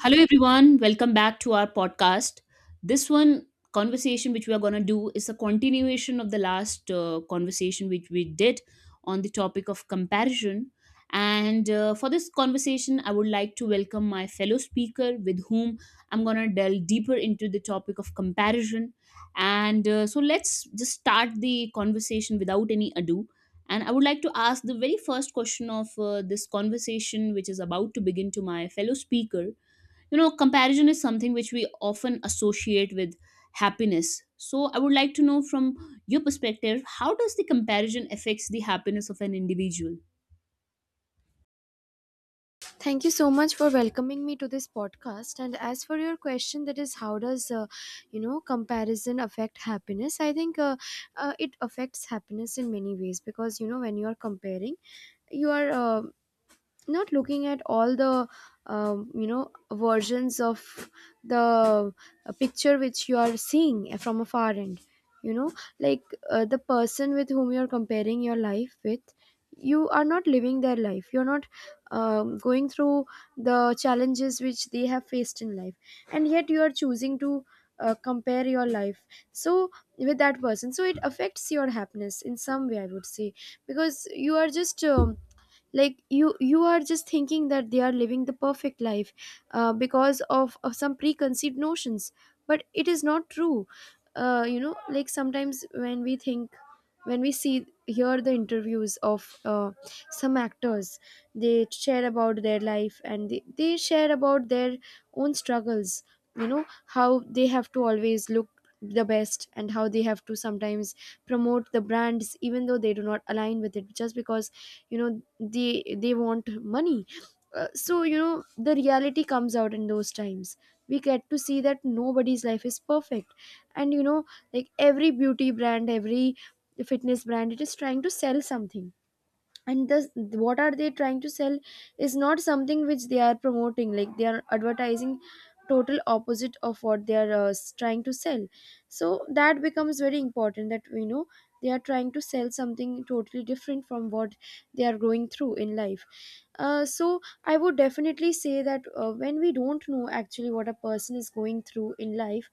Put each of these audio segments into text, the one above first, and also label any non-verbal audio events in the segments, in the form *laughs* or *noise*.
Hello, everyone. Welcome back to our podcast. This one conversation which we are going to do is a continuation of the last conversation which we did on the topic of comparison. And For this conversation, I would like to welcome my fellow speaker with whom I'm going to delve deeper into the topic of comparison. And so let's just start the conversation without any ado. And I would like to ask the very first question of this conversation, which is about to begin to my fellow speaker. You know, comparison is something which we often associate with happiness, so I would like to know from your perspective, how does the comparison affects the happiness of an individual? Thank you so much for welcoming me to this podcast. And as for your question, that is, how does comparison affect happiness? I think it affects happiness in many ways, because when you are comparing, you are not looking at all the versions of the picture, which you are seeing from a far end. You know like uh, the person with whom you're comparing your life with, you are not living their life, you're not going through the challenges which they have faced in life, and yet you are choosing to compare your life, so, with that person. So it affects your happiness in some way, I would say, because you are just like you are just thinking that they are living the perfect life because of some preconceived notions. But it is not true. Like, sometimes when we think, when we see, hear the interviews of some actors, they share about their life, and they share about their own struggles. You know how they have to always look the best, and how they have to sometimes promote the brands even though they do not align with it, just because you know they they want money. So the reality comes out in those times. We get to see that nobody's life is perfect. And like every beauty brand, every fitness brand, it is trying to sell something. And the, what are they trying to sell is not something which they are promoting. Like, they are advertising total opposite of what they are trying to sell. So that becomes very important, that they are trying to sell something totally different from what they are going through in life. So I would definitely say that when we don't know actually what a person is going through in life,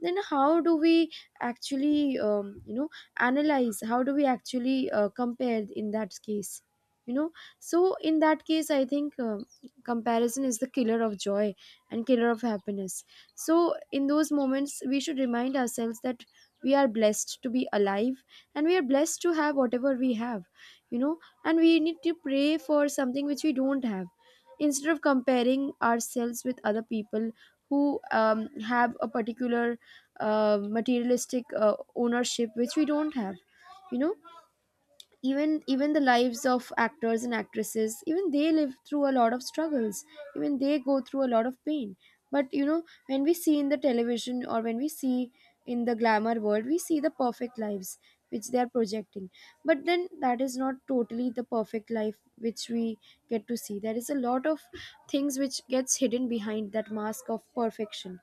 then how do we actually analyze, how do we actually compare in that case? you know so in that case I think comparison is the killer of joy and killer of happiness. So in those moments we should remind ourselves that we are blessed to be alive, and we are blessed to have whatever we have, you know and we need to pray for something which we don't have, instead of comparing ourselves with other people who have a particular materialistic ownership which we don't have. you know even the lives of actors and actresses, even they live through a lot of struggles, even they go through a lot of pain. But when we see in the television, or when we see in the glamour world, we see the perfect lives which they are projecting. But then, that is not totally the perfect life which we get to see. There is a lot of things which gets hidden behind that mask of perfection.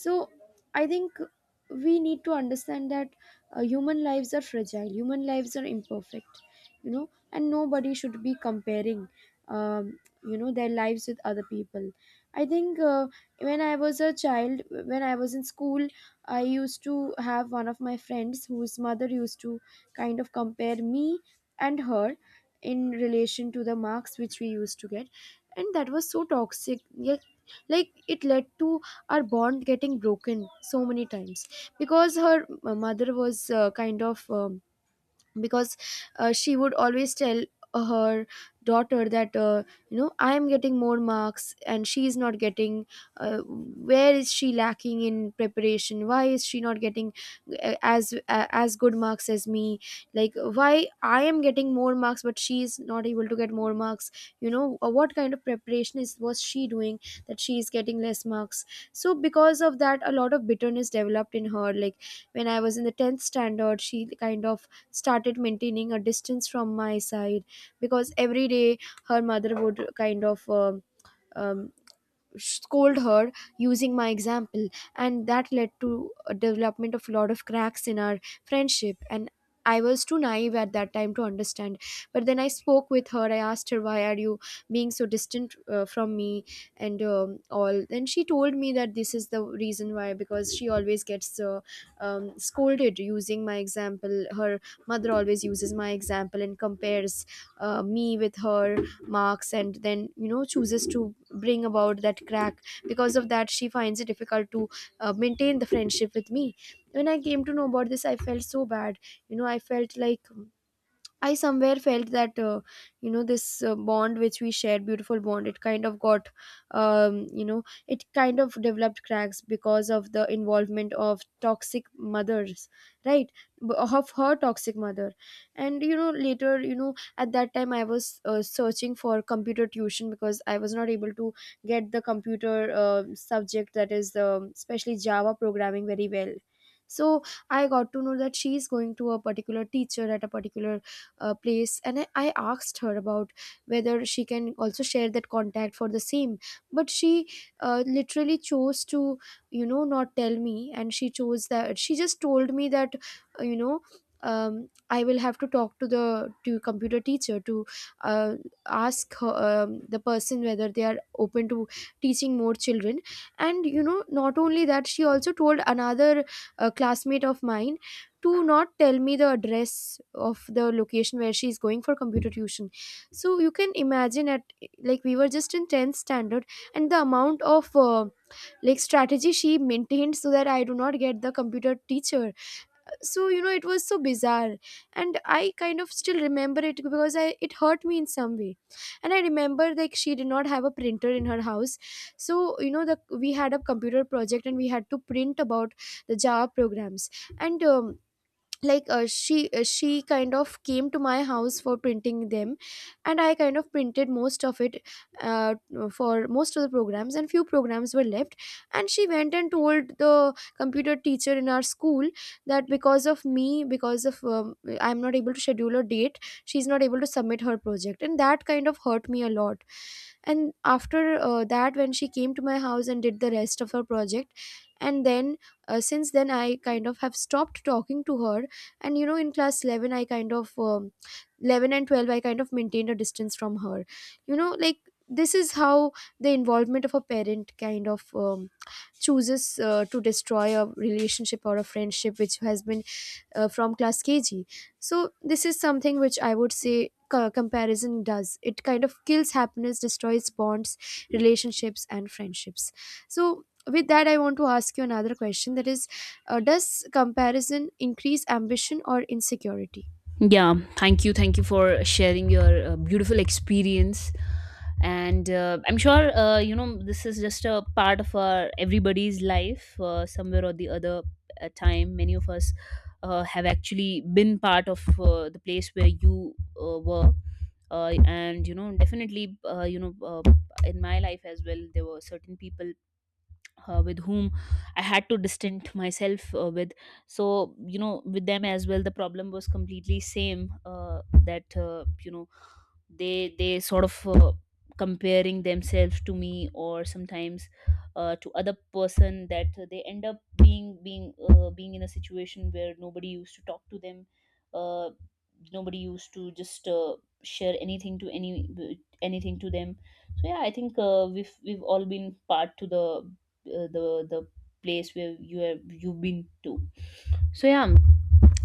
So I think we need to understand that human lives are fragile, human lives are imperfect. And nobody should be comparing their lives with other people. I think when I was a child, when I was in school, I used to have one of my friends whose mother used to kind of compare me and her in relation to the marks which we used to get, and that was so toxic. Yet, like, it led to our bond getting broken so many times, because her mother was kind of because she would always tell her daughter that I am getting more marks and she is not getting where is she lacking in preparation, why is she not getting as good marks as me? Like, why I am getting more marks but she is not able to get more marks? What kind of preparation is was she doing that she is getting less marks? So because of that, a lot of bitterness developed in her. Like, when I was in the 10th standard, she kind of started maintaining a distance from my side, because every day her mother would kind of um, scold her using my example. And that led to a development of a lot of cracks in our friendship, and I was too naive at that time to understand. But then I spoke with her. I asked her, why are you being so distant from me? And all. Then she told me that this is the reason why, because she always gets scolded using my example. Her mother always uses my example and compares me with her marks, and then chooses to bring about that crack. Because of that, she finds it difficult to maintain the friendship with me. When I came to know about this, I felt so bad. I felt like I somewhere felt that this bond which we shared, beautiful bond, it kind of got it kind of developed cracks because of the involvement of toxic mothers, right? Of her toxic mother. And later, at that time I was searching for computer tuition, because I was not able to get the computer subject, that is, especially Java programming, very well. So I got to know that she is going to a particular teacher at a particular place, and I asked her about whether she can also share that contact for the same. But she literally chose to, not tell me, and she chose that she just told me that uh, you know I will have to talk to the to computer teacher to uh, ask her, the person, whether they are open to teaching more children. And not only that, she also told another classmate of mine to not tell me the address of the location where she's going for computer tuition. So you can imagine — at like, we were just in 10th standard, and the amount of like strategy she maintained so that I do not get the computer teacher. So it was so bizarre, and I kind of still remember it, because I it hurt me in some way. And I remember, like, she did not have a printer in her house. So you know the we had a computer project, and we had to print about the Java programs, and she kind of came to my house for printing them. And I kind of printed most of it, uh, for most of the programs, and few programs were left. And she went and told the computer teacher in our school that because of me, because of I'm not able to schedule a date, she's not able to submit her project, and that kind of hurt me a lot. And after that, when she came to my house and did the rest of her project. And then since then I kind of have stopped talking to her. And in class 11, I kind of 11 and 12 I kind of maintained a distance from her. Like, this is how the involvement of a parent kind of chooses to destroy a relationship or a friendship which has been from class KG. So this is something which I would say: comparison does — it kind of kills happiness, destroys bonds, relationships, and friendships. So, with that, I want to ask you another question, that is, does comparison increase ambition or insecurity? Yeah, thank you. Thank you for sharing your beautiful experience. And I'm sure, you know, this is just a part of our, everybody's life, somewhere or the other time. Many of us have actually been part of the place where you were. And, you know, definitely, you know, in my life as well, there were certain people with whom I had to distance myself with. So you know, with them as well, the problem was completely same. That you know, they sort of comparing themselves to me, or sometimes to other person, that they end up being in a situation where nobody used to talk to them. Uh, Nobody used to just share anything to anything to them. So yeah, I think we've all been part to the uh, the the place where you've been to. So yeah,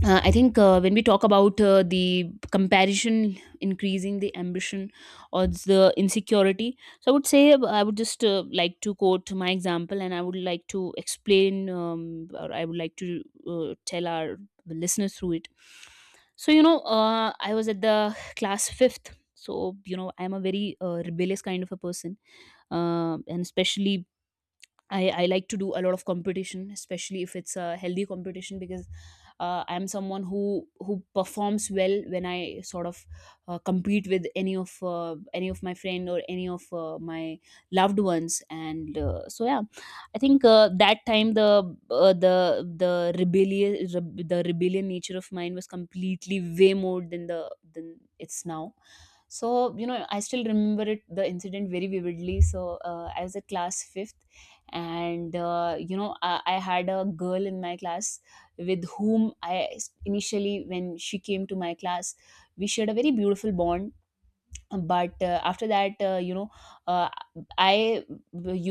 I think when we talk about the comparison increasing the ambition or the insecurity, so I would say I would just like to quote my example and I would like to explain, or I would like to tell our listeners through it. So, you know, I was at the class fifth. So, you know, I'm a very rebellious kind of a person. And especially I like to do a lot of competition, especially if it's a healthy competition, because I'm someone who performs well when I sort of compete with any of my friend or any of my loved ones, and so yeah, I think that time the the rebellion nature of mine was completely way more than the than it's now. So you know, I still remember it the incident very vividly. So I was at class fifth and you know I had a girl in my class with whom initially when she came to my class we shared a very beautiful bond. But after that, you know, uh, I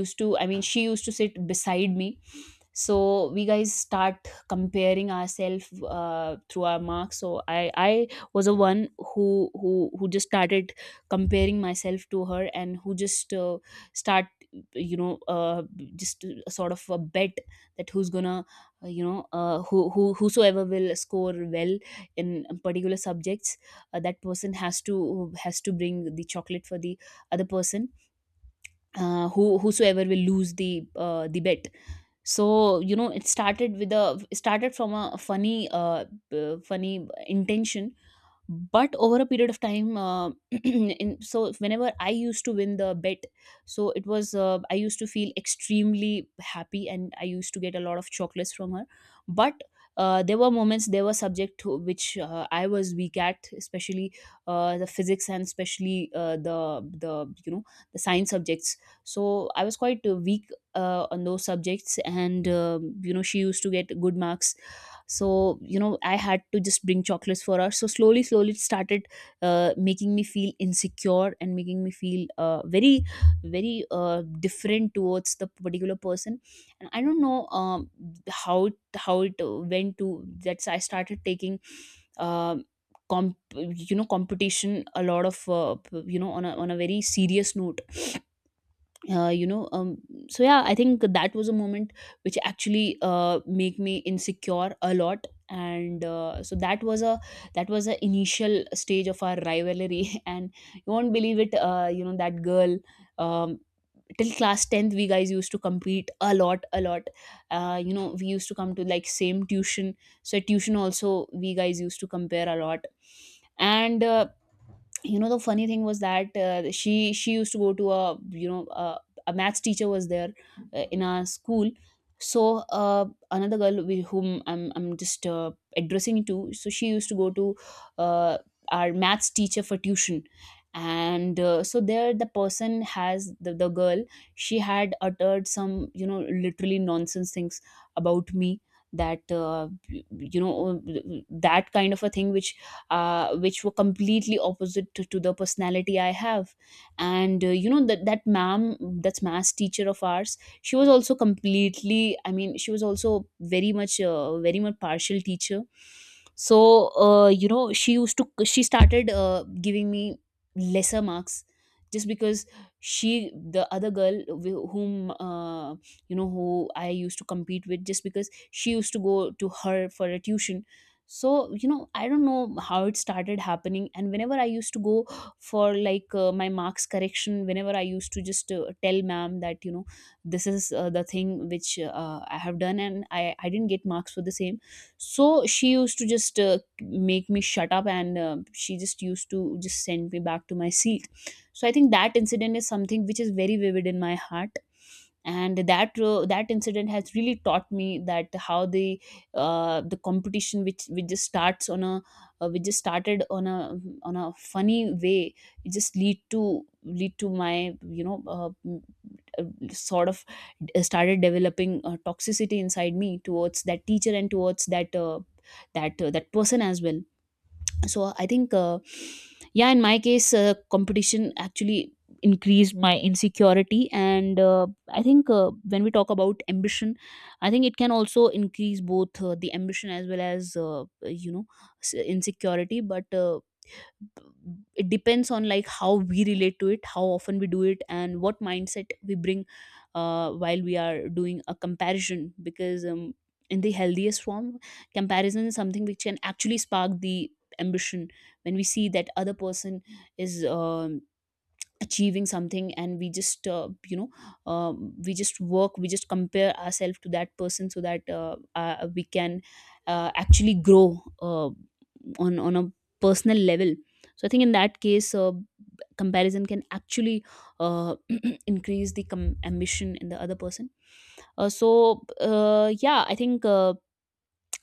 used to, I mean, she used to sit beside me, so we guys start comparing ourselves through our marks. So I was a one who just started comparing myself to her, and who just start, you know, just a sort of a bet that who's gonna, who whosoever will score well in particular subjects, that person has to bring the chocolate for the other person, who whosoever will lose the bet. So you know, it started from a funny funny intention, but over a period of time, *clears throat* in, so whenever I used to win the bet, so it was, I used to feel extremely happy and I used to get a lot of chocolates from her. But there were moments, there were subject to which I was weak at, especially the physics, and especially the you know, the science subjects. So I was quite weak on those subjects, and you know, she used to get good marks. So you know, I had to just bring chocolates for her. So slowly slowly it started making me feel insecure and making me feel very very different towards the particular person. And I don't know, how it went to, that's I started taking, um, comp you know, competition a lot of, you know, on a very serious note. Uh, you know um, so yeah, I think that was a moment which actually make me insecure a lot. And uh, so that was a, that was a initial stage of our rivalry *laughs* and you won't believe it, you know, that girl, um, till class 10th we guys used to compete a lot a lot. You know, we used to come to like same tuition. So at tuition also we guys used to compare a lot. And You know, the funny thing was that, she used to go to a you know a maths teacher was there in our school. So another girl with whom I'm just addressing to, so she used to go to uh, our maths teacher for tuition. And So there the person has the girl, she had uttered some you know literally nonsense things about me, that you know, that kind of a thing which were completely opposite to the personality I have. And you know, that that ma'am, that's math teacher of ours, she was also completely. I mean, she was also very much, very much partial teacher. So you know, she used to she started giving me lesser marks just because she the other girl, whom, you know, who I used to compete with, just because she used to go to her for a tuition. So you know, I don't know how it started happening, and whenever I used to go for like my marks correction, whenever I used to just tell ma'am that you know, this is the thing which I have done and I didn't get marks for the same, so she used to just make me shut up, and she just used to just send me back to my seat. So I think that incident is something which is very vivid in my heart, and that incident has really taught me that how the competition which just starts on a which just started on a funny way, it just lead to my you know uh, sort of started developing toxicity inside me towards that teacher and towards that, that person as well. So I think, yeah, in my case, competition actually increased my insecurity. And I think when we talk about ambition, I think it can also increase both the ambition as well as you know, insecurity. But it depends on like how we relate to it, how often we do it, and what mindset we bring while we are doing a comparison. Because in the healthiest form, comparison is something which can actually spark the ambition. When we see that other person is achieving something and we just you know, we just work, we just compare ourselves to that person so that we can actually grow uh, on a personal level. So I think in that case, comparison can actually uh, *clears throat* increase the ambition in the other person. So yeah, I think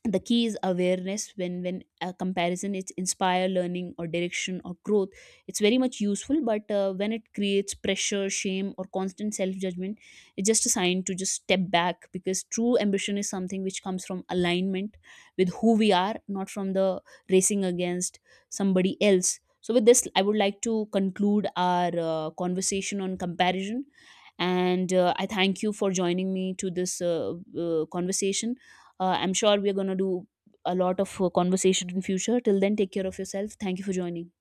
the key is awareness. When a comparison it's inspire learning or direction or growth, it's very much useful. But when it creates pressure, shame, or constant self judgment, it's just a sign to just step back, because true ambition is something which comes from alignment with who we are, not from the racing against somebody else. So with this, I would like to conclude our conversation on comparison. And I thank you for joining me to this conversation. I'm sure we're going to do a lot of conversation in future. Till then, take care of yourself. Thank you for joining.